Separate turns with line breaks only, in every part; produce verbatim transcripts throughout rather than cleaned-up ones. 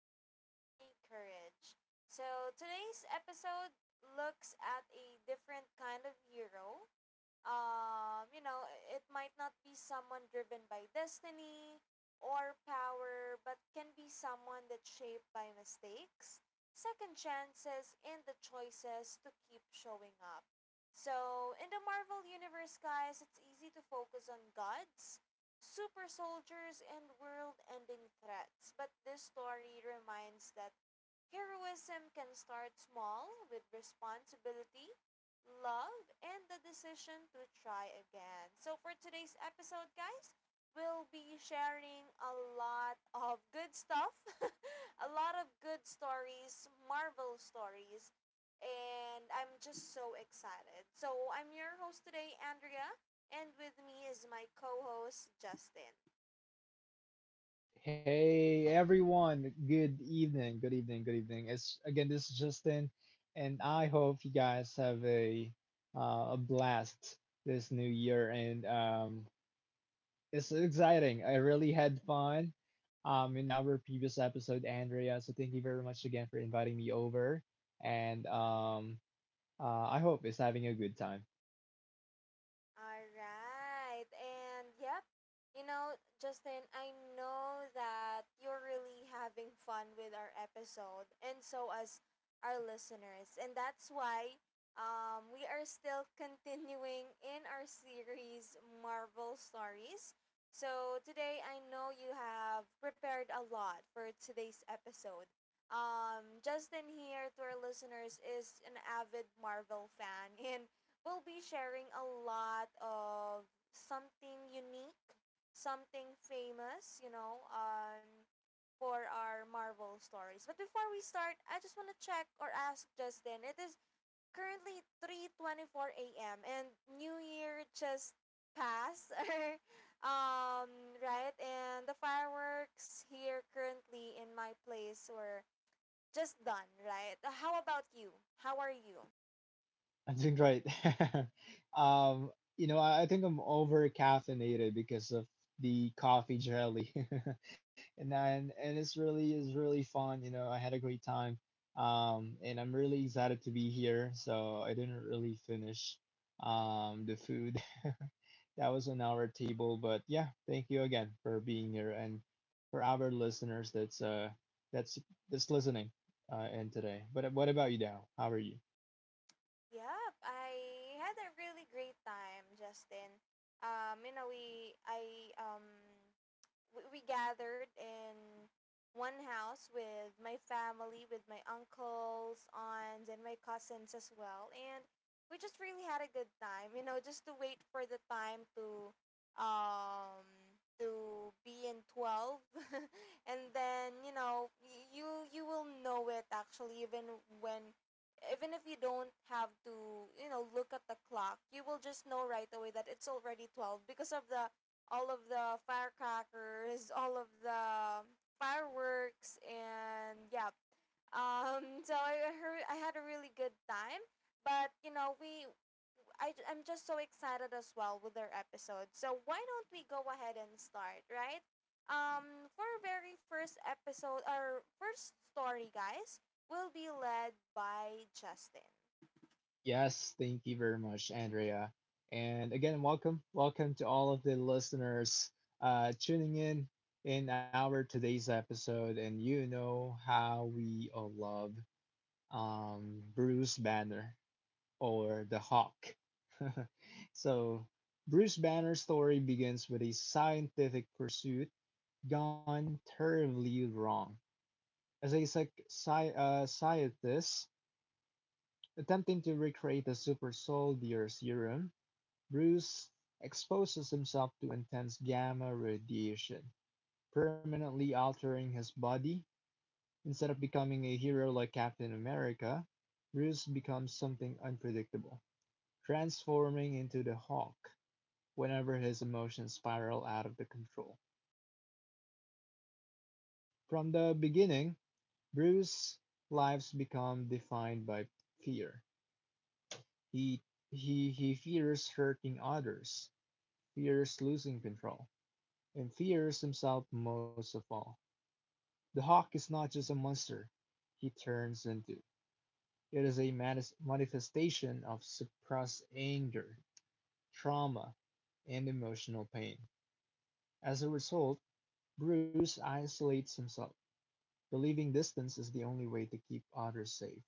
Ordinary Courage. So today's episode looks at a different kind of hero. Um, you know, it might not be someone driven by destiny or power, but can be someone that's shaped by mistakes, second chances, and the choices to keep showing up. So in the Marvel Universe, guys, it's easy to focus on gods, super soldiers, and world ending threats. But this story reminds that heroism can start small with responsibility, love, and the decision to try again. So for today's episode, guys, we'll be sharing a lot of good stuff, a lot of good stories, Marvel stories, and I'm just so excited. So I'm your host today, Andrea, and with me is my co host, Justin.
Hey everyone, good evening, good evening, good evening. It's again, this is Justin, and I hope you guys have a uh, a blast this new year. And um, it's exciting. I really had fun um, in our previous episode, Andrea. So thank you very much again for inviting me over, and um, uh, I hope it's having a good time.
All right. And yep, you know, Justin, I know that you're really having fun with our episode, and so as our listeners. And that's why um, we are still continuing in our series, Marvel Stories. So today, I know you have prepared a lot for today's episode. Um, Justin here to our listeners is an avid Marvel fan, and we'll be sharing a lot of something unique, something famous, you know, um, for our Marvel stories. But before we start, I just want to check or ask Justin. It is currently three twenty-four a m and New Year just passed, um, right? And the fireworks here currently in my place were just done, right? How about you? How are you?
I'm doing great. Um, you know, I, I think I'm over caffeinated because of the coffee jelly, and then and it's really is really fun. You know, I had a great time, um, and I'm really excited to be here. So I didn't really finish um the food that was on our table, but yeah, thank you again for being here and for our listeners that's uh that's that's listening uh in today. But what about you, Dao? How are you?
Yep, I had a really great time, Justin. Um, you know, we I um we, we gathered in one house with my family, with my uncles, aunts, and my cousins as well. And we just really had a good time, you know, just to wait for the time to um to be in twelve, and then, you know, y- you you will know it actually, even when, even if you don't have to, you know, look at the clock, you will just know right away that it's already twelve because of the all of the firecrackers, all of the fireworks, and yeah. Um, so I heard I had a really good time, but you know we I I'm just so excited as well with our episode. So why don't we go ahead and start, right? Um, for our very first episode, our first story, guys, will be led by Justin.
Yes, thank you very much, Andrea. And again, welcome, welcome to all of the listeners uh, tuning in in our today's episode. And you know how we all love um, Bruce Banner or the Hawk. So, Bruce Banner's story begins with a scientific pursuit gone terribly wrong. As a psych- sci- uh, scientist attempting to recreate a super soldier serum, Bruce exposes himself to intense gamma radiation, permanently altering his body. Instead of becoming a hero like Captain America, Bruce becomes something unpredictable, transforming into the Hulk whenever his emotions spiral out of the control. From the beginning, Bruce's lives become defined by fear. He he he fears hurting others, fears losing control, and fears himself most of all. The hawk is not just a monster he turns into. It is a manifestation of suppressed anger, trauma, and emotional pain. As a result, Bruce isolates himself, believing distance is the only way to keep others safe.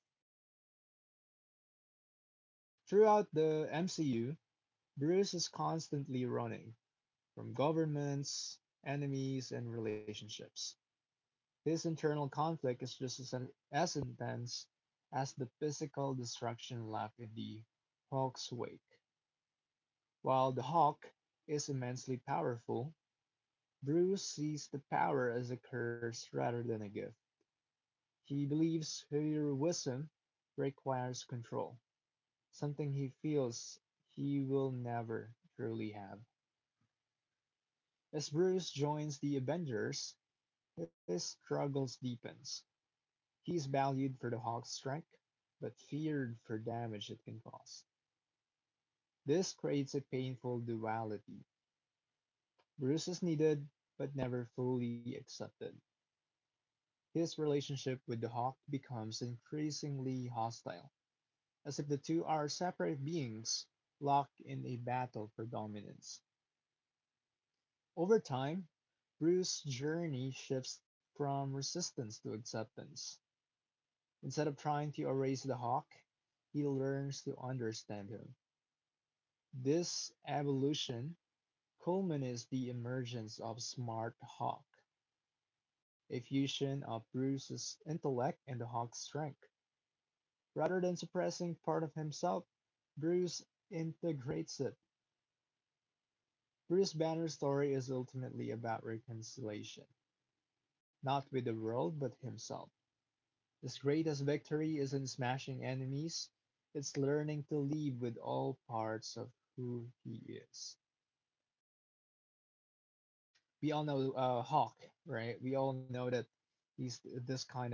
Throughout the M C U, Bruce is constantly running from governments, enemies, and relationships. This internal conflict is just as, as intense as the physical destruction left in the Hawk's wake. While the Hawk is immensely powerful, Bruce sees the power as a curse rather than a gift. He believes heroism requires control, something he feels he will never truly have. As Bruce joins the Avengers, his struggles deepens. He is valued for the Hawk's strength, but feared for damage it can cause. This creates a painful duality. Bruce is needed, but never fully accepted. His relationship with the Hawk becomes increasingly hostile, as if the two are separate beings locked in a battle for dominance. Over time, Bruce's journey shifts from resistance to acceptance. Instead of trying to erase the Hawk, he learns to understand him. This evolution culminates the emergence of Smart Hawk, a fusion of Bruce's intellect and the Hawk's strength. Rather than suppressing part of himself, Bruce integrates it. Bruce Banner's story is ultimately about reconciliation, not with the world, but himself. His greatest victory isn't smashing enemies, it's learning to live with all parts of who he is. We all know uh, Hawk, right? We all know that he's this kind of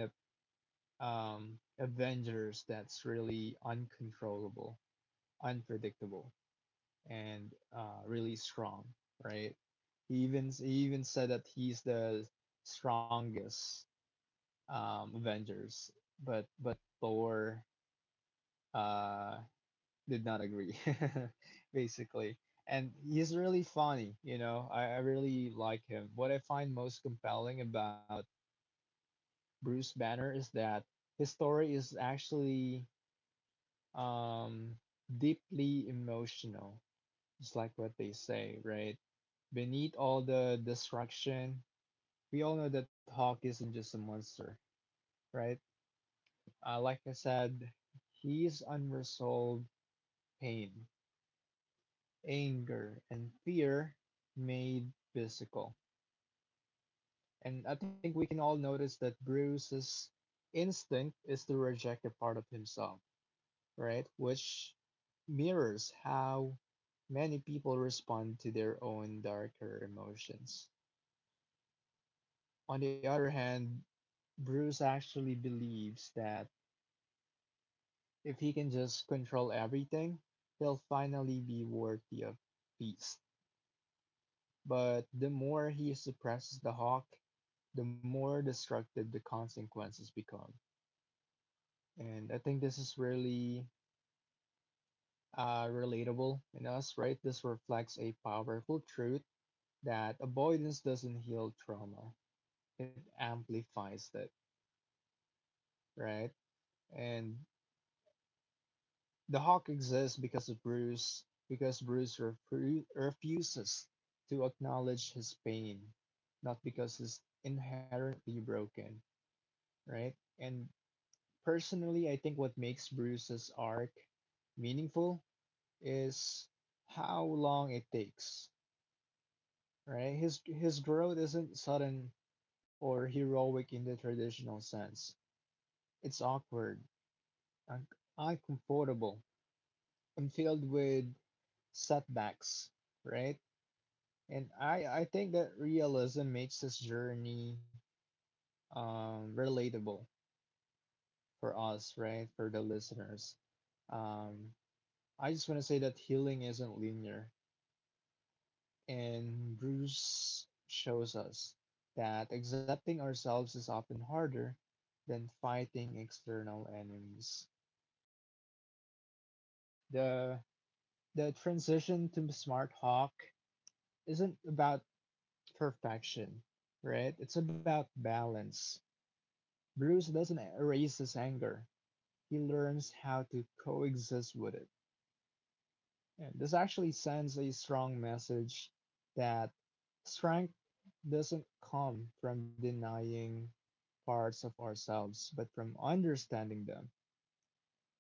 um, Avengers that's really uncontrollable, unpredictable, and uh, really strong, right? He even he even said that he's the strongest um, Avengers, but but Thor uh, did not agree, basically. And he's really funny, you know. I, I really like him. What I find most compelling about Bruce Banner is that his story is actually um, deeply emotional. It's like what they say, right? Beneath all the destruction, we all know that Hawk isn't just a monster, right? Uh, like I said, his unresolved pain, anger, and fear made physical. And I think we can all notice that Bruce's instinct is to reject a part of himself, right? Which mirrors how many people respond to their own darker emotions. On the other hand, Bruce actually believes that if he can just control everything, he'll finally be worthy of peace. But the more he suppresses the hawk, the more destructive the consequences become. And I think this is really uh, relatable in us, right? This reflects a powerful truth that avoidance doesn't heal trauma. It amplifies it, right? And the Hawk exists because of Bruce, because Bruce refu- refuses to acknowledge his pain, not because he's inherently broken, right? And personally, I think what makes Bruce's arc meaningful is how long it takes, right? His his growth isn't sudden or heroic in the traditional sense. It's awkward, un- uncomfortable, and filled with setbacks, right? And I I think that realism makes this journey um relatable for us, right? For the listeners. Um I just want to say that healing isn't linear, and Bruce shows us that accepting ourselves is often harder than fighting external enemies. The the transition to Smart Hawk isn't about perfection, right? It's about balance. Bruce doesn't erase his anger, he learns how to coexist with it. And this actually sends a strong message that strength doesn't come from denying parts of ourselves, but from understanding them.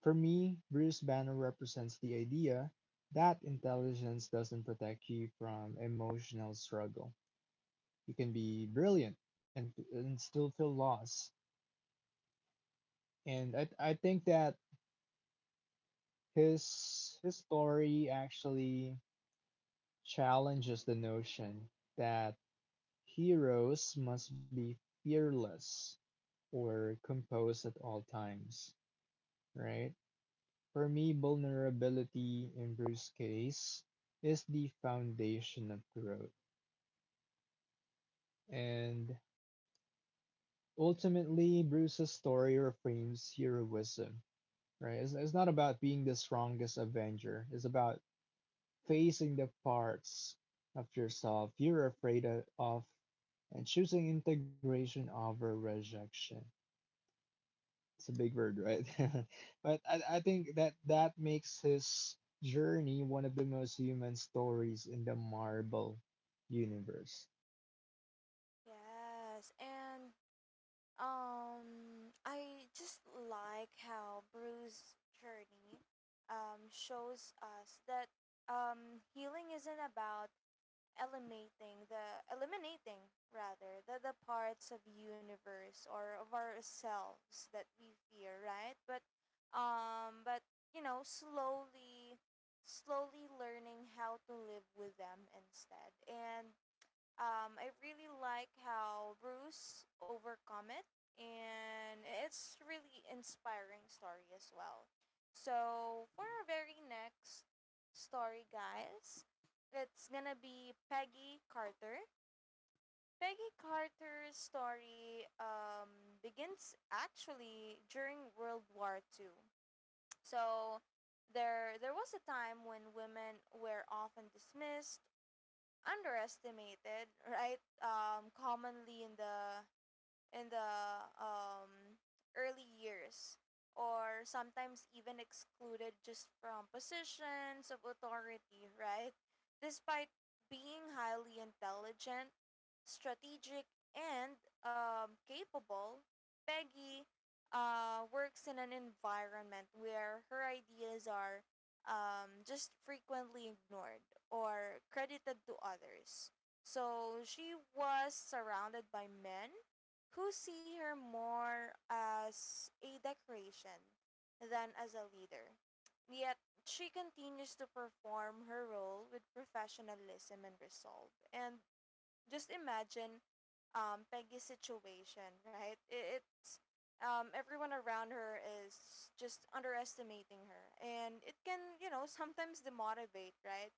For me, Bruce Banner represents the idea that intelligence doesn't protect you from emotional struggle. You can be brilliant and, and still feel lost, and I I think that his his story actually challenges the notion that heroes must be fearless or composed at all times, right? For me, vulnerability in Bruce's case is the foundation of growth. And ultimately, Bruce's story reframes heroism, right? It's, it's not about being the strongest Avenger, it's about facing the parts of yourself you're afraid of, and choosing integration over rejection. It's a big word, right? But I, I think that that makes his journey one of the most human stories in the Marvel universe.
Yes, and Um, I just like how Bruce's journey um, shows us that um, healing isn't about eliminating the eliminating rather the, the parts of universe or of ourselves that we fear, right? But um but you know, slowly slowly learning how to live with them instead. And um, I really like how Bruce overcome it, and it's really inspiring story as well. So for our very next story, guys, it's gonna be Peggy Carter. Peggy Carter's story um, begins actually during World War Two. So there there was a time when women were often dismissed, underestimated, right? Um, commonly in the in the um, early years, or sometimes even excluded just from positions of authority, right? Despite being highly intelligent, strategic, and um, capable, Peggy uh, works in an environment where her ideas are um, just frequently ignored or credited to others. So she was surrounded by men who see her more as a decoration than as a leader. Yet she continues to perform her role with professionalism and resolve. And just imagine um, Peggy's situation, right? It, it's um, Everyone around her is just underestimating her, and it can, you know, sometimes demotivate, right?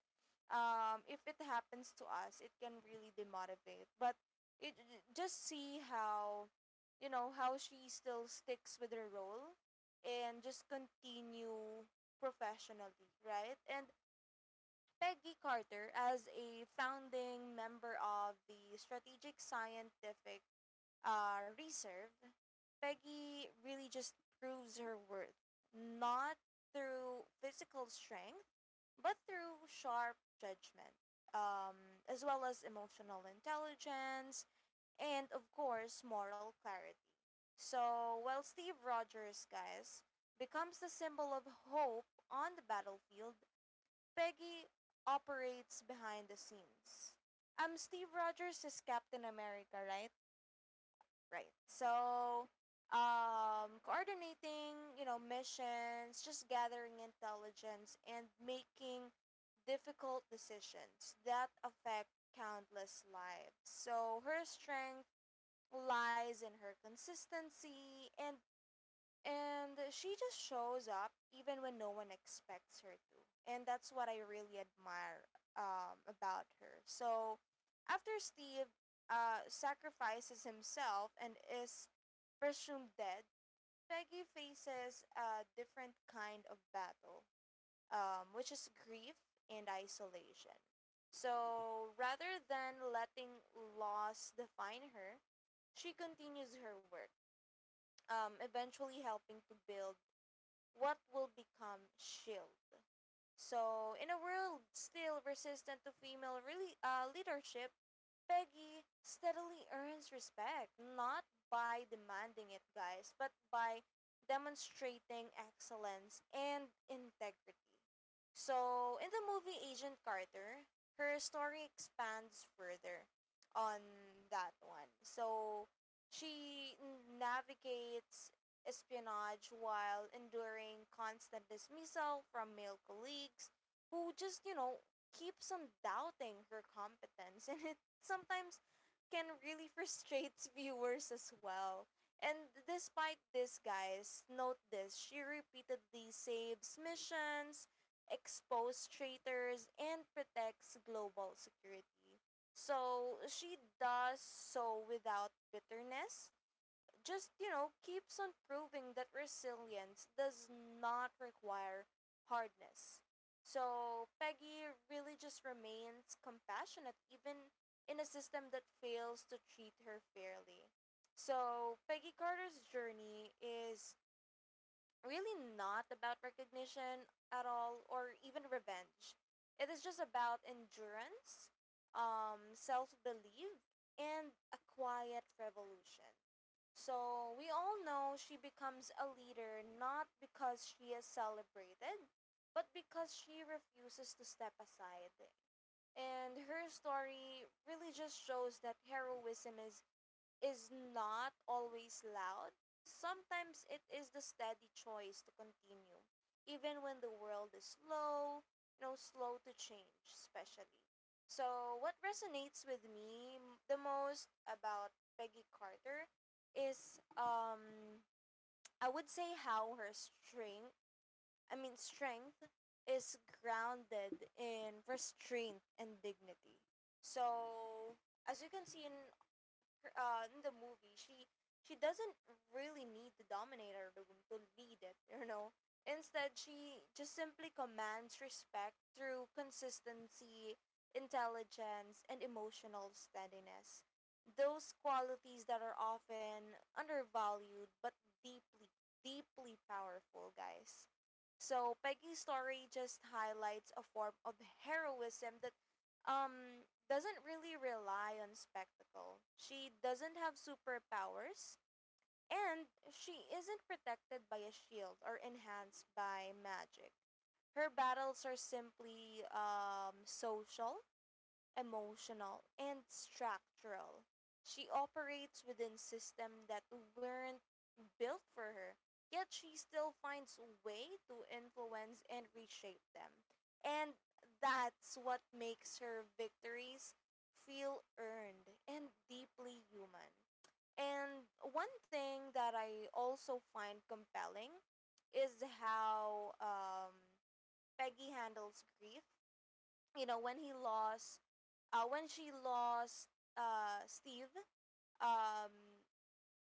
Um, if it happens to us, it can really demotivate. But it, just see how, you know, how she still sticks with her role, and just continue professionally, right? And Peggy Carter, as a founding member of the Strategic Scientific uh, Reserve, Peggy really just proves her worth, not through physical strength, but through sharp judgment, um, as well as emotional intelligence, and of course, moral clarity. So while Steve Rogers, guys, becomes the symbol of hope on the battlefield, Peggy operates behind the scenes. Um, Steve Rogers is Captain America, right? Right. So, um, coordinating, you know, missions, just gathering intelligence, and making difficult decisions that affect countless lives. So her strength lies in her consistency, and and she just shows up even when no one expects her to. And that's what I really admire um, about her. So after Steve uh, sacrifices himself and is presumed dead, Peggy faces a different kind of battle, um, which is grief and isolation. So rather than letting loss define her, she continues her work, um, eventually helping to build what will become shield. So in a world still resistant to female really uh, leadership, Peggy steadily earns respect, not by demanding it, guys, but by demonstrating excellence and integrity. So in the movie Agent Carter, her story expands further on that one. So she navigates espionage while enduring constant dismissal from male colleagues who just, you know, keeps on doubting her competence. And it sometimes can really frustrate viewers as well. And despite this, guys, note this, she repeatedly saves missions, exposes traitors, and protects global security. So she does so without bitterness, just you know keeps on proving that resilience does not require hardness. So Peggy really just remains compassionate even in a system that fails to treat her fairly. So Peggy Carter's journey is really not about recognition at all, or even revenge. It is just about endurance, um, self belief, and a quiet revolution. So we all know she becomes a leader not because she is celebrated, but because she refuses to step aside. And her story really just shows that heroism is is not always loud, sometimes it is the steady choice to continue, even when the world is slow, you know, slow to change, especially. So what resonates with me m- the most about Peggy Carter is, um, I would say, how her strength, I mean, strength is grounded in restraint and dignity. So as you can see in her, uh, in the movie, she she doesn't really need the Dominator to, to lead it, you know. Instead, she just simply commands respect through consistency, intelligence, and emotional steadiness. Those qualities that are often undervalued but deeply, deeply powerful, guys. So Peggy's story just highlights a form of heroism that um doesn't really rely on spectacle. She doesn't have superpowers, and she isn't protected by a shield or enhanced by magic. Her battles are simply um social, emotional, and structural. She operates within systems that weren't built for her, yet she still finds a way to influence and reshape them. And that's what makes her victories feel earned and deeply human. And one thing that I also find compelling is how, um, Peggy handles grief. You know, when he lost, uh, when she lost, uh, Steve, um,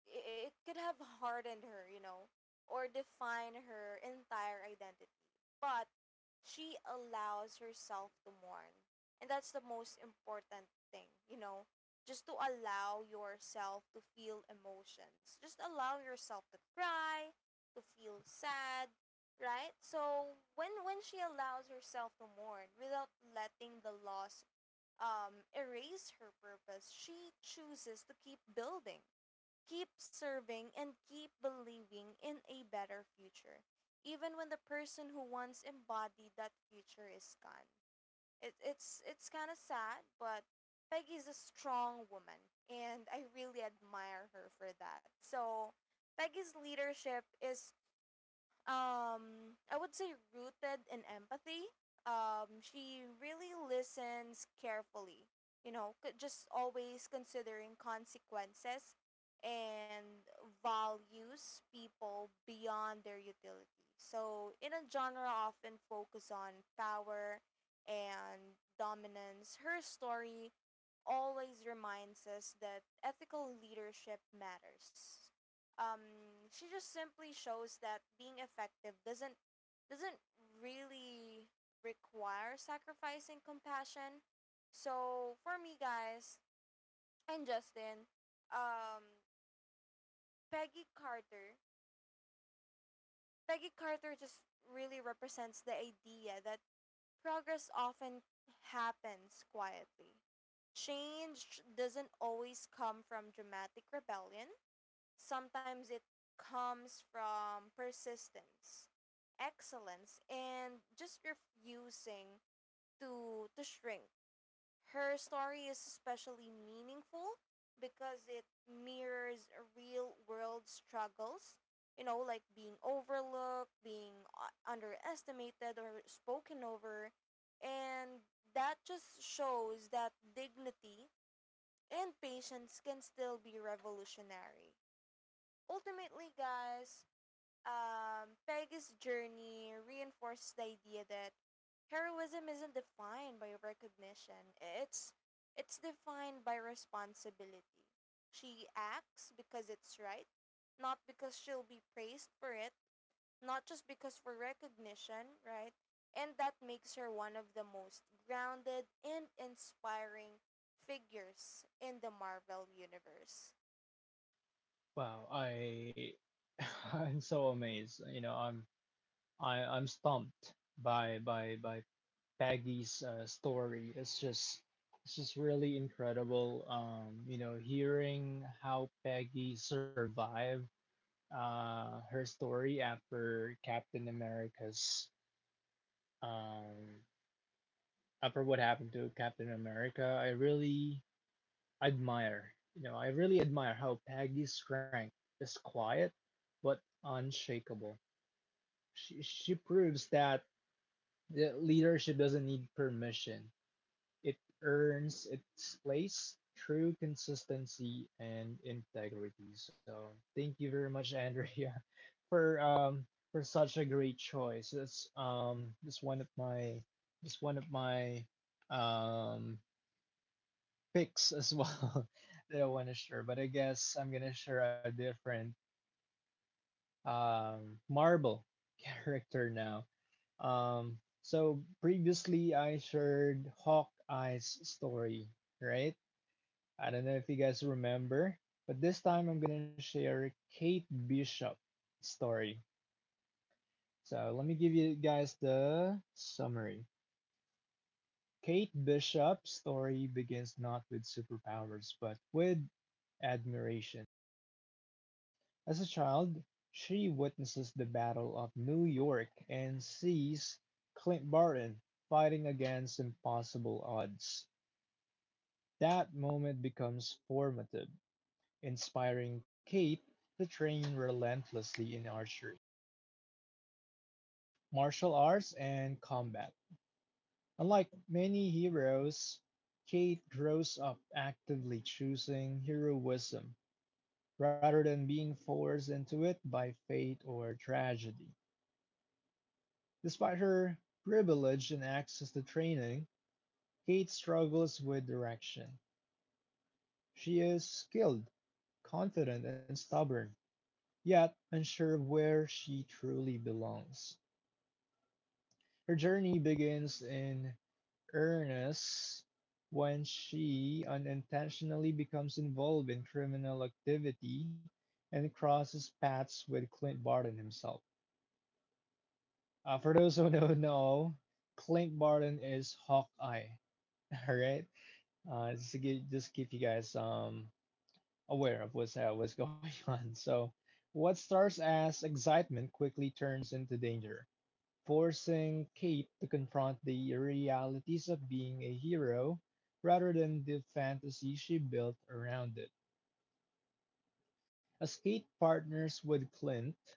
i- it could have hardened her, you know, or define her entire identity. But she allows herself to mourn. And that's the most important thing, you know, just to allow yourself to feel emotions. Just allow yourself to cry, to feel sad, right? So when when she allows herself to mourn without letting the loss um, erase her purpose, she chooses to keep building, keep serving, and keep believing in a better future, even when the person who once embodied that future is gone. It, it's it's kind of sad, but Peggy's a strong woman, and I really admire her for that. So Peggy's leadership is um I would say rooted in empathy. Um, she really listens carefully, you know, c- just always considering consequences, and values people beyond their utility. So in a genre often focus on power and dominance, her story always reminds us that ethical leadership matters. Um, she just simply shows that being effective doesn't doesn't really require sacrificing compassion. So for me, guys, and Justin, um, Peggy Carter, Peggy Carter just really represents the idea that progress often happens quietly. Change doesn't always come from dramatic rebellion, sometimes it comes from persistence, excellence, and just refusing to, to shrink. Her story is especially meaningful because it mirrors real world struggles, you know, like being overlooked, being u- underestimated, or spoken over. And that just shows that dignity and patience can still be revolutionary. Ultimately, guys, um, Peggy's journey reinforces the idea that heroism isn't defined by recognition. It's it's defined by responsibility. She acts because it's right, not because she'll be praised for it, not just because for recognition, right? And that makes her one of the most grounded and inspiring figures in the Marvel universe.
Wow, I I'm so amazed. You know, I'm I I'm stumped by by by Peggy's uh, story. It's just it's just really incredible. Um, you know, hearing how Peggy survived uh, her story after Captain America's um, after what happened to Captain America, I really admire. You know, I really admire how Peggy's strength is quiet but unshakable. She she proves that the leadership doesn't need permission. It earns its place through consistency and integrity. So thank you very much, Andrea, for um for such a great choice. That's um that's one of my that's one of my um picks as well that I want to share. But I guess I'm gonna share a different um Marvel character now. Um so previously I shared Hawkeye's story, right? I don't know if you guys remember, but this time I'm gonna share Kate Bishop story. So let me give you guys the summary. Kate Bishop's story begins not with superpowers, but with admiration. As a child, she witnesses the Battle of New York and sees Clint Barton fighting against impossible odds. That moment becomes formative. Inspiring Kate to train relentlessly in archery, martial arts, and combat. Unlike many heroes, Kate grows up actively choosing heroism rather than being forced into it by fate or tragedy. Despite her privilege and access to training, Kate struggles with direction. She is skilled, confident, and stubborn, yet unsure of where she truly belongs. Her journey begins in earnest when she unintentionally becomes involved in criminal activity and crosses paths with Clint Barton himself. Uh, for those who don't know, Clint Barton is Hawkeye. All right, uh, just to get, just keep you guys um aware of what's uh, what's going on. So, what starts as excitement quickly turns into danger, forcing Kate to confront the realities of being a hero rather than the fantasy she built around it. As Kate partners with Clint,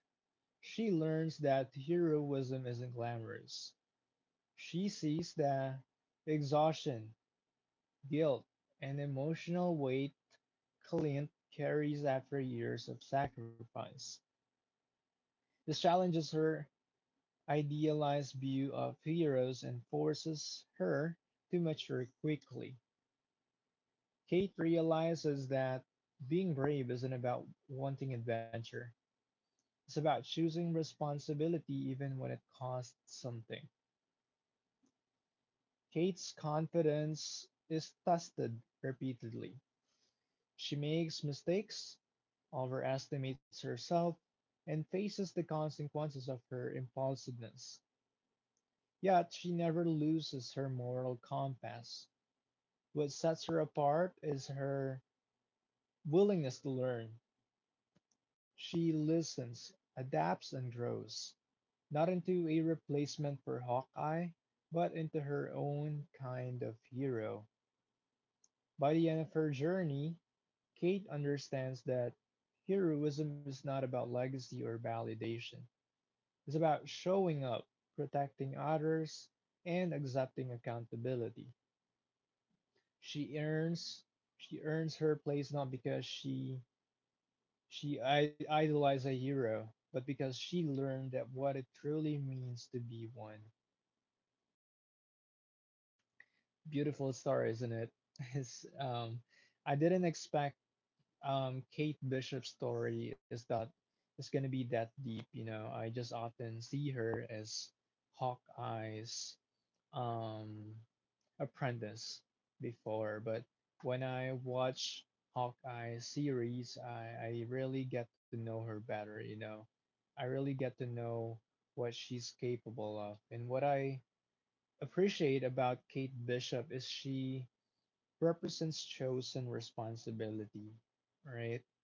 she learns that heroism isn't glamorous. She sees the exhaustion, guilt, and emotional weight Clint carries after years of sacrifice. This challenges her idealized view of heroes and forces her to mature quickly. Kate realizes that being brave isn't about wanting adventure, it's about choosing responsibility even when it costs something. Kate's confidence is tested repeatedly. She makes mistakes, overestimates herself, and faces the consequences of her impulsiveness. Yet she never loses her moral compass. What sets her apart is her willingness to learn. She listens, adapts, and grows, not into a replacement for Hawkeye, but into her own kind of hero. By the end of her journey, Kate understands that heroism is not about legacy or validation, it's about showing up, protecting others, and accepting accountability. She earns she earns her place not because she She I- idolized a hero, but because she learned that what it truly means to be one. Beautiful story, isn't it? It's, um, I didn't expect um, Kate Bishop's story is that is going to be that deep. You know, I just often see her as Hawkeye's um, Apprentice before, but when I watch Hawkeye series, I, I really get to know her better, you know. I really get to know what she's capable of. And what I appreciate about Kate Bishop is she represents chosen responsibility, right?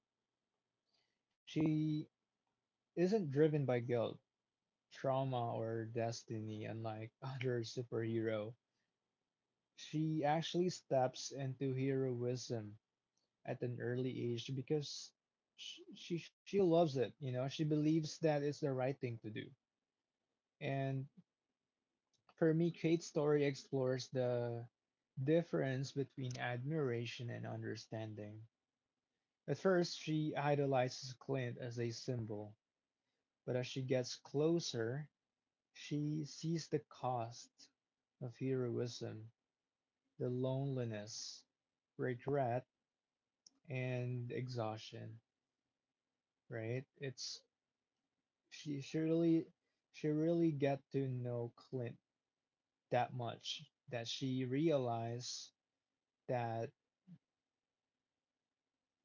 She isn't driven by guilt, trauma, or destiny, unlike other superhero. She actually steps into heroism at an early age because she, she she loves it. You know, she believes that it's the right thing to do. And for me, Kate's story explores the difference between admiration and understanding. At first, she idolizes Clint as a symbol, but as she gets closer, she sees the cost of heroism, the loneliness, regret, and exhaustion, right? It's she surely She really get to know Clint that much that she realized that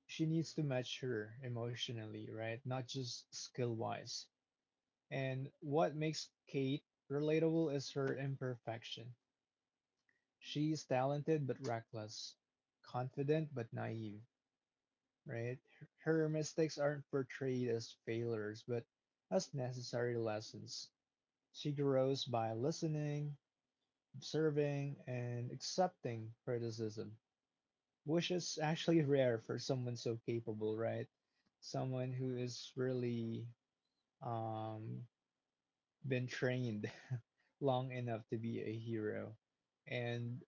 she needs to mature emotionally, right? Not just skill wise. And what makes Kate relatable is her imperfection. She's talented but reckless, confident but naive, right? Her mistakes aren't portrayed as failures, but as necessary lessons. She grows by listening, observing, and accepting criticism, which is actually rare for someone so capable, right? Someone who is really um, been trained long enough to be a hero. And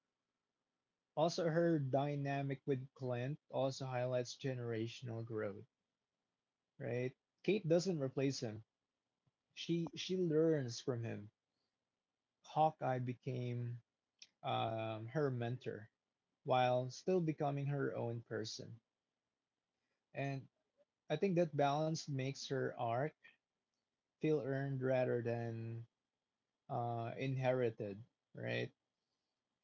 also, her dynamic with Clint also highlights generational growth, right? Kate doesn't replace him. She she learns from him. Hawkeye became um, her mentor while still becoming her own person. And I think that balance makes her arc feel earned rather than uh, inherited, right?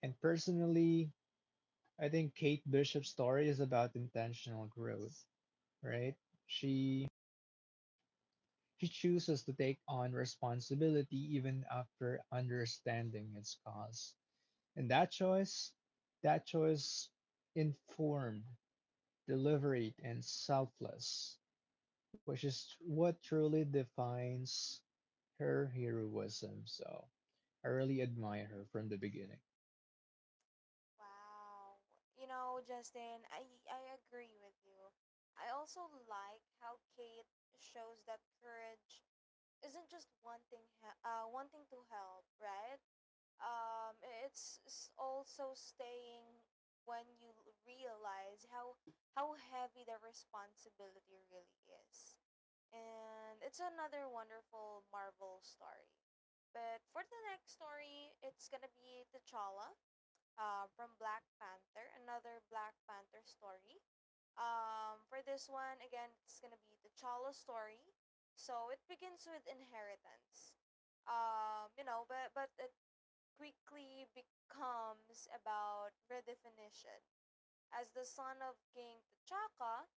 And personally, I think Kate Bishop's story is about intentional growth, right? She she chooses to take on responsibility even after understanding its cause. And that choice, that choice informed, deliberate, and selfless, which is what truly defines her heroism. So I really admire her from the beginning.
Wow. You know, Justin, I I agree with you. I also like how Kate shows that courage isn't just wanting, he- uh wanting to help, right? Um, it's s- also staying when you l- realize how how heavy the responsibility really is. And it's another wonderful Marvel story. But for the next story, it's going to be T'Challa uh, from Black Panther, another Black Panther story. Um, for this one, again, it's gonna be the T'Challa story. So it begins with inheritance. Um, you know, but but it quickly becomes about redefinition. As the son of King T'Chaka,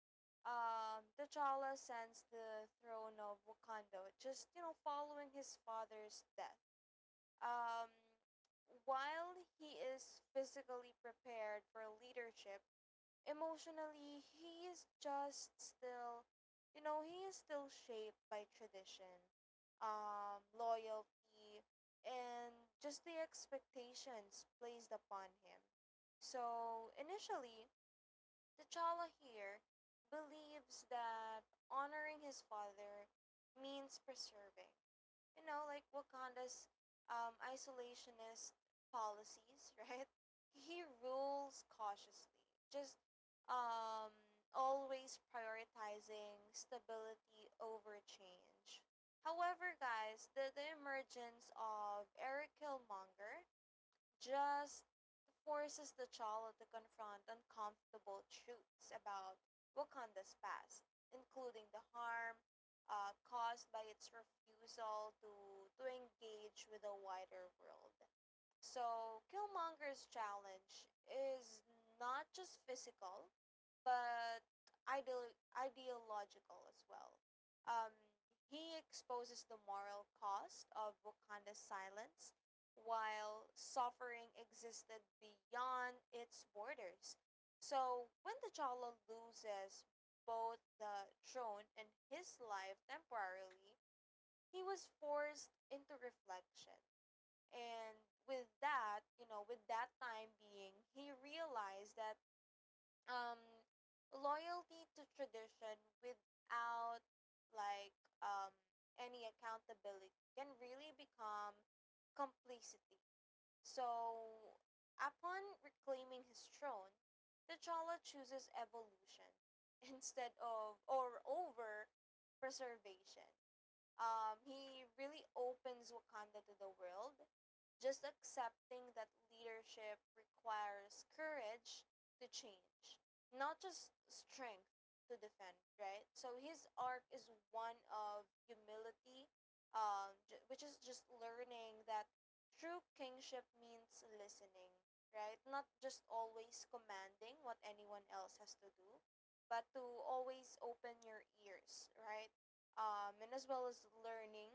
um, T'Challa sends the throne of Wakanda, just you know, following his father's death. Um, while he is physically prepared for leadership, emotionally, he is just still, you know, he is still shaped by tradition, um, loyalty, and just the expectations placed upon him. So, initially, T'Challa here believes that honoring his father means preserving, you know, like Wakanda's um, isolationist policies, right? He rules cautiously, just um, always prioritizing stability over change. However, guys, the, the emergence of Eric Killmonger just forces the child to confront uncomfortable truths about Wakanda's past, including the harm uh, caused by its refusal to, to engage with the wider world. So, Killmonger's challenge is not just physical, but ideolo- ideological as well. Um, he exposes the moral cost of Wakanda's silence while suffering existed beyond its borders. So, when T'Challa loses both the throne and his life temporarily, he was forced into reflection. And with that, you know, with that time being, he realized that um, loyalty to tradition without like um, any accountability can really become complicity. So, upon reclaiming his throne, T'Challa chooses evolution instead of or over preservation. Um, he really opens Wakanda to the world, just accepting that leadership requires courage to change, not just strength to defend, right? So his arc is one of humility, um, j- which is just learning that true kingship means listening, right? Not just always commanding what anyone else has to do, but to always open your ears, right? Um, and as well as learning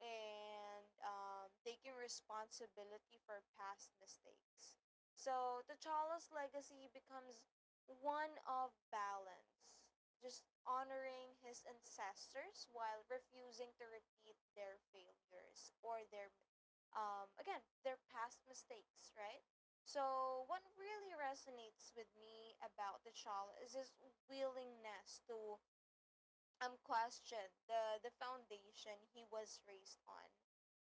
and um, taking responsibility for past mistakes. So T'Challa's legacy becomes one of balance, just honoring his ancestors while refusing to repeat their failures or their, um, again, their past mistakes, right? So, what really resonates with me about T'Challa is his willingness to um question the the foundation he was raised on.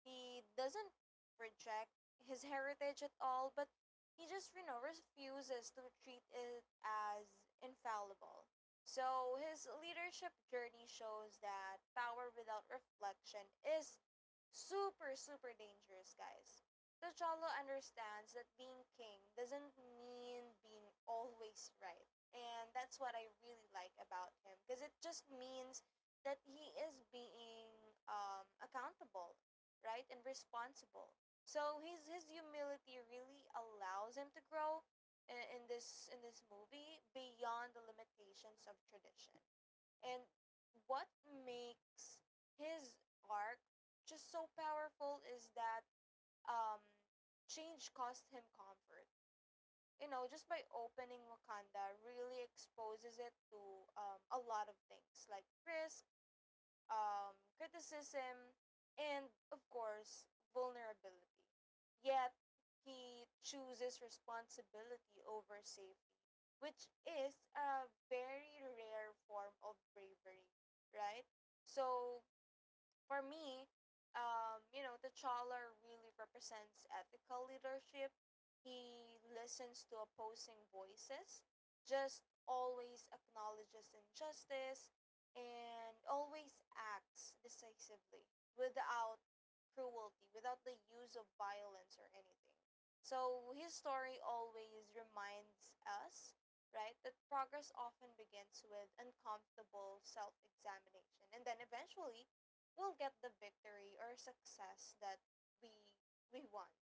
He doesn't reject his heritage at all, but he just you know refuses to treat it as infallible. So his leadership journey shows that power without reflection is super super dangerous, guys. T'Challa understands that being king doesn't mean being always right, and that's what I really like about him, because it just means that he is being um, accountable, right, and responsible. So his his humility really allows him to grow in, in this in this movie beyond the limitations of tradition. And what makes his arc just so powerful is that um, change cost him comfort. You know, just by opening Wakanda really exposes it to um, a lot of things like risk, um, criticism, and of course, vulnerability. Yet, he chooses responsibility over safety, which is a very rare form of bravery, right? So, for me, um, you know, T'Challa really represents ethical leadership. He listens to opposing voices, just always acknowledges injustice, and always acts decisively without cruelty, without the use of violence or anything. So his story always reminds us, right, that progress often begins with uncomfortable self examination, and then eventually we'll get the victory or success that we we want.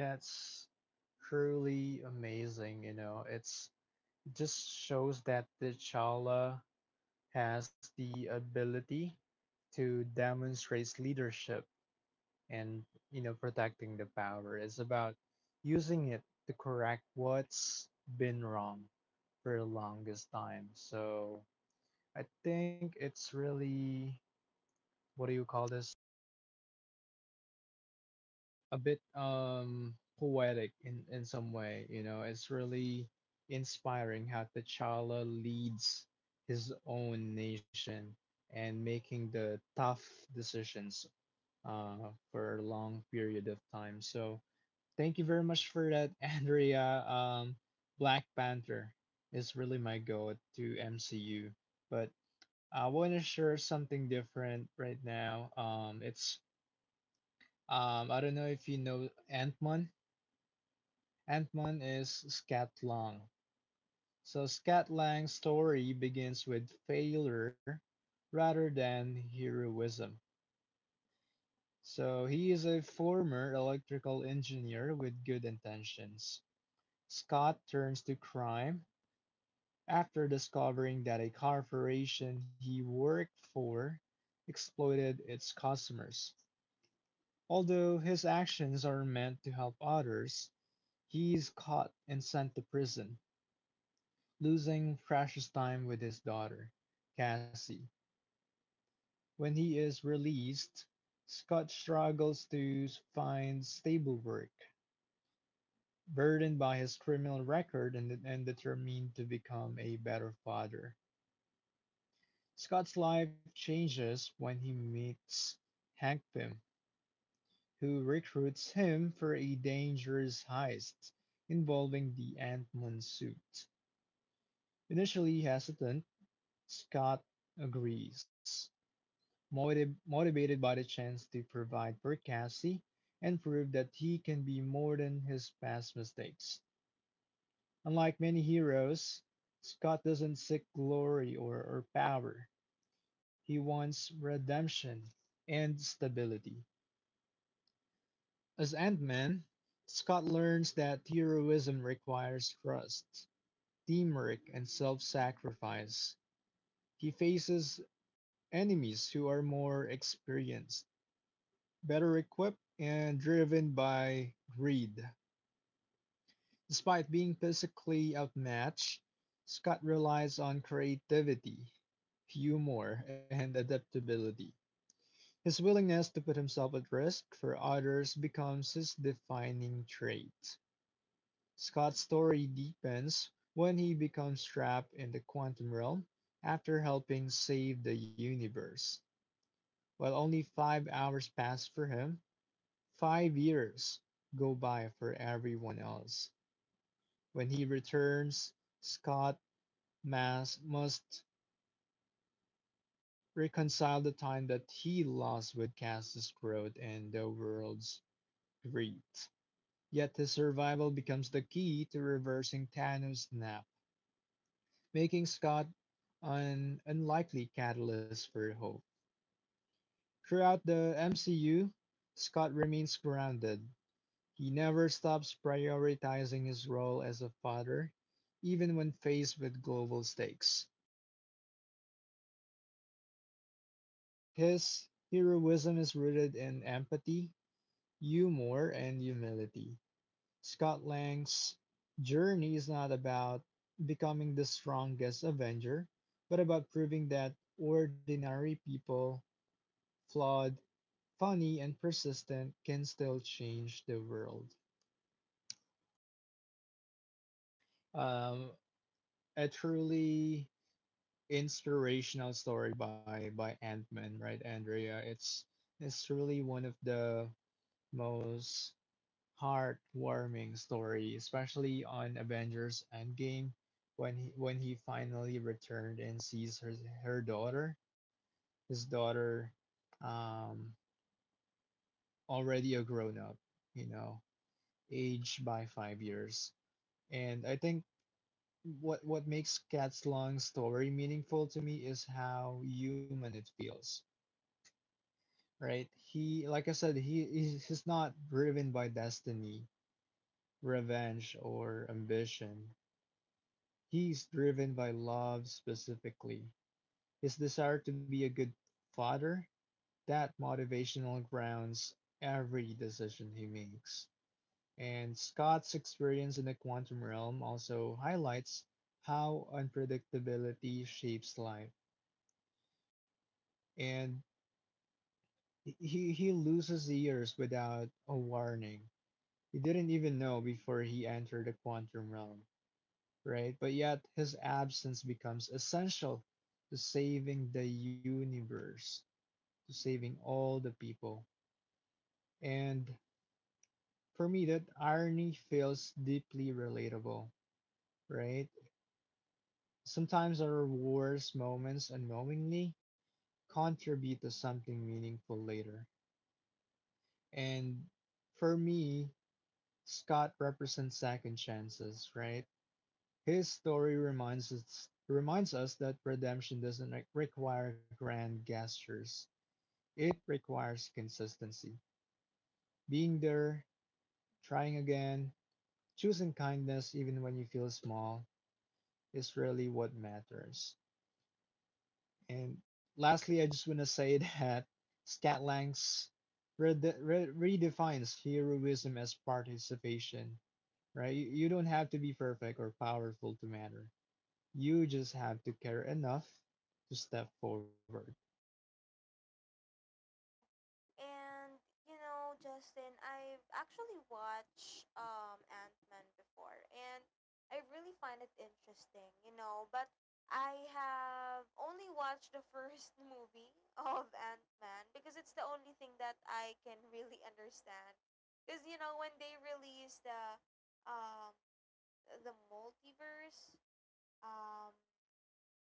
That's truly amazing, you know. It's just shows that T'Challa has the ability to demonstrate leadership and, you know, protecting the power. It's about using it to correct what's been wrong for the longest time. So I think it's really, what do you call this? A bit um poetic in in some way, you know. It's really inspiring how T'Challa leads his own nation and making the tough decisions uh for a long period of time. So thank you very much for that, Andrea. um Black Panther is really my go to M C U, but I want to share something different right now. Um it's um, I don't know if you know Ant-Man. Antman is Scat Lang, so Scat Lang's story begins with failure rather than heroism. So he is a former electrical engineer with good intentions. Scott turns to crime after discovering that a corporation he worked for exploited its customers. Although his actions are meant to help others, he is caught and sent to prison, losing precious time with his daughter, Cassie. When he is released, Scott struggles to find stable work, burdened by his criminal record, and, and determined to become a better father. Scott's life changes when he meets Hank Pym, who recruits him for a dangerous heist involving the Ant-Man suit. Initially hesitant, Scott agrees, motiv- motivated by the chance to provide for Cassie and prove that he can be more than his past mistakes. Unlike many heroes, Scott doesn't seek glory or, or power. He wants redemption and stability. As Ant Man, Scott learns that heroism requires trust, teamwork, and self sacrifice. He faces enemies who are more experienced, better equipped, and driven by greed. Despite being physically outmatched, Scott relies on creativity, humor, and adaptability. His willingness to put himself at risk for others becomes his defining trait. Scott's story deepens when he becomes trapped in the quantum realm after helping save the universe. While only five hours pass for him, five years go by for everyone else. When he returns, Scott Mass must reconcile the time that he lost with Cass's growth and the world's greed. Yet his survival becomes the key to reversing Thanos' nap, making Scott an unlikely catalyst for hope. Throughout the M C U, Scott remains grounded. He never stops prioritizing his role as a father, even when faced with global stakes. His heroism is rooted in empathy, humor, and humility. Scott Lang's journey is not about becoming the strongest Avenger, but about proving that ordinary people, flawed, funny, and persistent, can still change the world. Um, I truly inspirational story by by Ant-Man, right, Andrea? It's it's really one of the most heartwarming story, especially on Avengers Endgame when he when he finally returned and sees her her daughter, his daughter, um, already a grown up, you know, aged by five years. And I think what what makes Cat's long story meaningful to me is how human it feels, right? He, like I said, he he's he's not driven by destiny, revenge, or ambition. He's driven by love specifically. His desire to be a good father, that motivational grounds every decision he makes. And Scott's experience in the quantum realm also highlights how unpredictability shapes life. And he, he loses years without a warning. He didn't even know before he entered the quantum realm, right? But yet his absence becomes essential to saving the universe, to saving all the people. And for me, that irony feels deeply relatable, right? Sometimes our worst moments unknowingly contribute to something meaningful later. And for me, Scott represents second chances, right? His story reminds us reminds us that redemption doesn't re- require grand gestures. It requires consistency. Being there, trying again, choosing kindness even when you feel small is really what matters. And lastly, I just want to say that Scatlangs rede- re- redefines heroism as participation, right? You you don't have to be perfect or powerful to matter. You just have to care enough to step forward.
Oh. And you know, Justin, I've actually watched um Ant Man before, and I really find it interesting, you know. But I have only watched the first movie of Ant Man because it's the only thing that I can really understand. Because you know, when they released the um the multiverse, um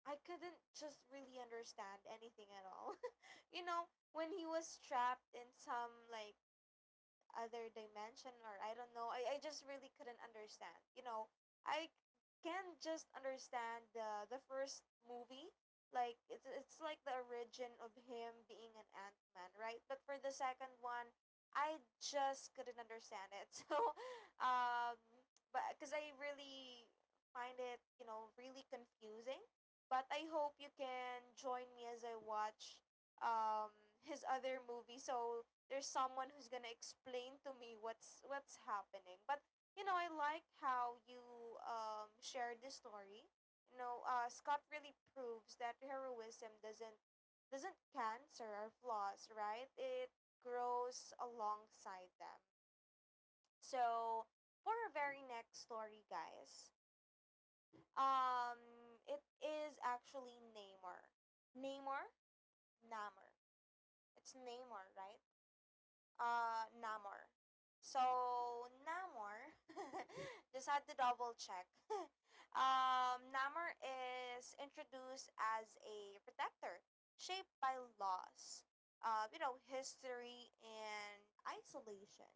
I couldn't just really understand anything at all. You know, when he was trapped in some like other dimension or I don't know. I, I just really couldn't understand. You know, I can just understand the the first movie. Like it's it's like the origin of him being an ant man, right? But for the second one, I just couldn't understand it. So, um, but because I really find it, you know, really confusing. But I hope you can join me as I watch um his other movie, so there's someone who's gonna explain to me what's what's happening. But you know, I like how you um, shared the story. You know, uh, Scott really proves that heroism doesn't doesn't cancer our flaws, right? It grows alongside them. So for our very next story, guys, um, it is actually Namor. Namor, Namor. It's Namor, right? uh, Namor. So Namor, just had to double check. um, Namor is introduced as a protector shaped by loss, uh, you know, history and isolation.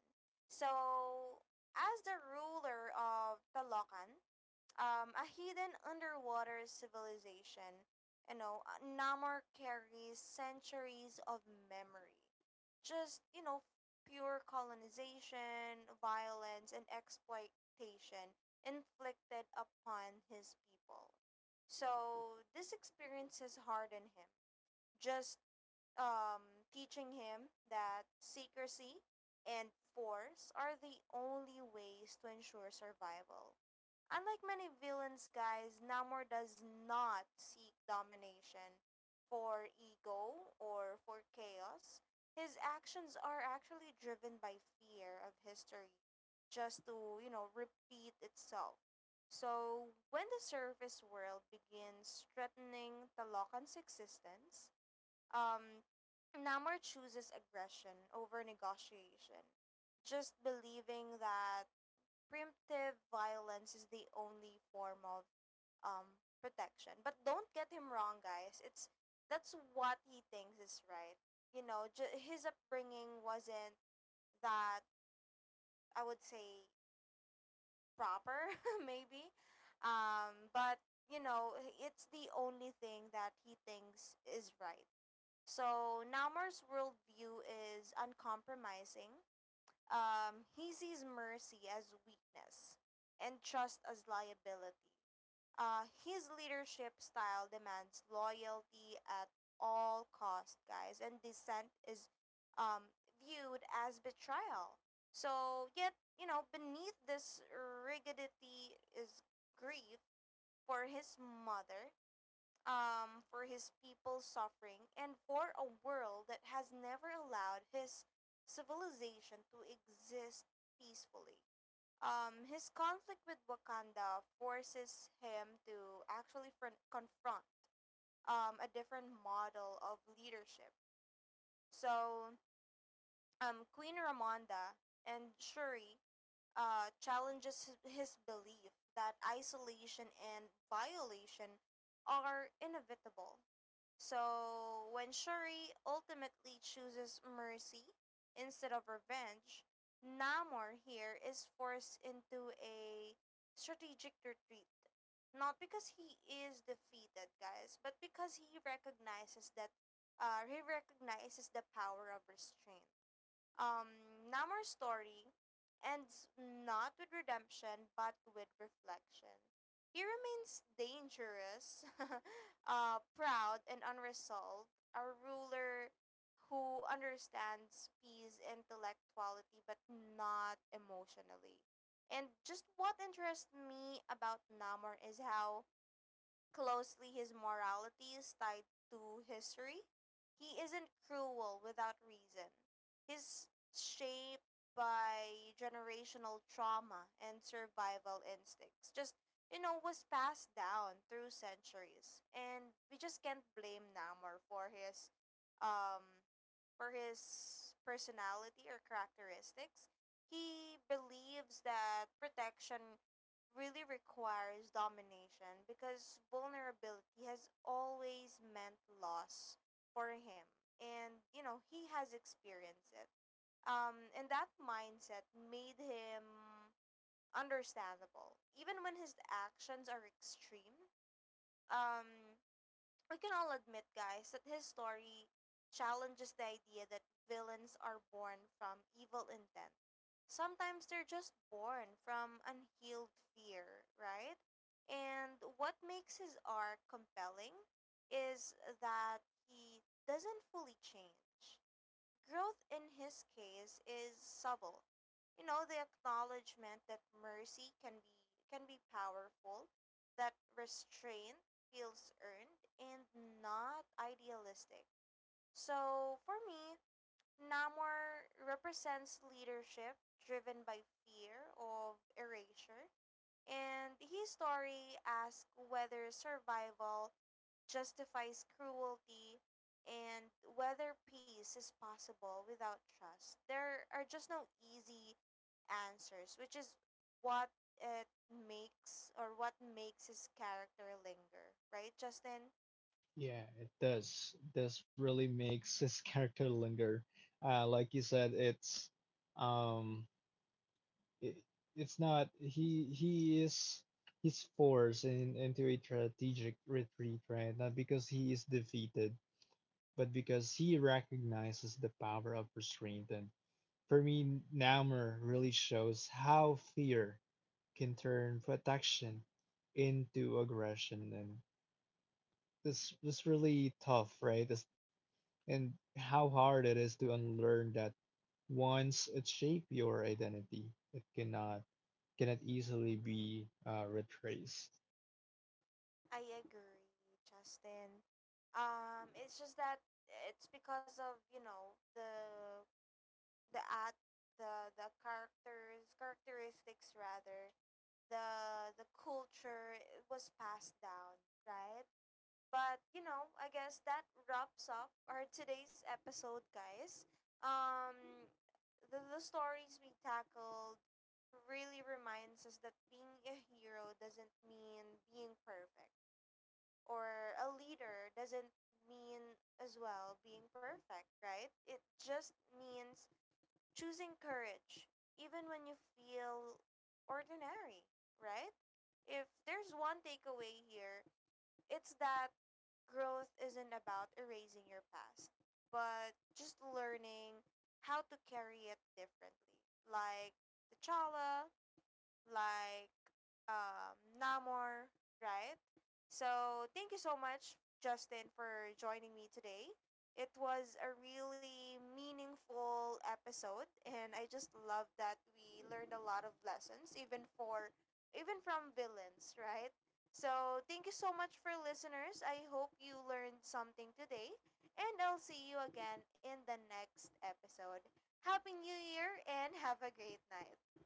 So as the ruler of Talokan, um, a hidden underwater civilization, you know, uh, Namor carries centuries of memory, just you know pure colonization, violence, and exploitation inflicted upon his people. So, these experiences hardened him, just um, teaching him that secrecy and force are the only ways to ensure survival. Unlike many villains, guys, Namor does not seek domination for ego or for chaos. His actions are actually driven by fear of history, just to, you know, repeat itself. So, when the surface world begins threatening Talokan's existence, um, Namor chooses aggression over negotiation, just believing that primitive violence is the only form of um, protection. But don't get him wrong, guys. It's That's what he thinks is right. You know, ju- his upbringing wasn't that I would say proper, maybe. Um, but you know, it's the only thing that he thinks is right. So Naumar's worldview is uncompromising. Um, he sees mercy as weakness and trust as liability. Uh, his leadership style demands loyalty at all cost, guys, and dissent is um, viewed as betrayal. So yet, you know, beneath this rigidity is grief for his mother, um, for his people's suffering, and for a world that has never allowed his civilization to exist peacefully. Um, his conflict with Wakanda forces him to actually fron- confront um, a different model of leadership. So, um, Queen Ramonda and Shuri uh, challenges his, his belief that isolation and violation are inevitable. So, when Shuri ultimately chooses mercy instead of revenge, Namor here is forced into a strategic retreat. Not because he is defeated, guys, but because he recognizes that uh, he recognizes the power of restraint. Um, Namor's story ends not with redemption but with reflection. He remains dangerous, uh, proud, and unresolved, a ruler who understands peace intellectuality but not emotionally. And just what interests me about Namor is how closely his morality is tied to history. He isn't cruel without reason. He's shaped by generational trauma and survival instincts. Just, you know, was passed down through centuries. And we just can't blame Namor for his um for his personality or characteristics. He believes that protection really requires domination, because vulnerability has always meant loss for him, and you know he has experienced it. Um and that mindset made him understandable, even when his actions are extreme. um we can all admit, guys, that his story challenges the idea that villains are born from evil intent. Sometimes they're just born from unhealed fear, right? And what makes his arc compelling is that he doesn't fully change. Growth in his case is subtle. You know, the acknowledgement that mercy can be can be powerful, that restraint feels earned and not idealistic. So for me, Namor represents leadership driven by fear of erasure, and his story asks whether survival justifies cruelty and whether peace is possible without trust. There are just no easy answers, which is what it makes or what makes his character linger, right, Justin?
Yeah, it does. This really makes his character linger. Uh, like you said, it's um, it, it's not he he is he's forced in, into a strategic retreat, right? Not because he is defeated, but because he recognizes the power of restraint. And for me, Namor really shows how fear can turn protection into aggression, and this this really tough, right? This, and how hard it is to unlearn that once it shaped your identity. It cannot, cannot easily be uh, retraced.
I agree, Justin. Um, it's just that it's because of you know the the at the the characters characteristics, rather the the culture was passed down, right? But you know, I guess that wraps up our today's episode, guys. Um, the, the stories we tackled really reminds us that being a hero doesn't mean being perfect, or a leader doesn't mean as well being perfect, right? It just means choosing courage, even when you feel ordinary, right? If there's one takeaway here, it's that growth isn't about erasing your past, but just learning how to carry it differently. Like T'Challa, like um, Namor, right? So thank you so much, Justin, for joining me today. It was a really meaningful episode, and I just love that we learned a lot of lessons, even for even from villains, right? So thank you so much for listeners. I hope you learned something today, and I'll see you again in the next episode. Happy New Year and have a great night.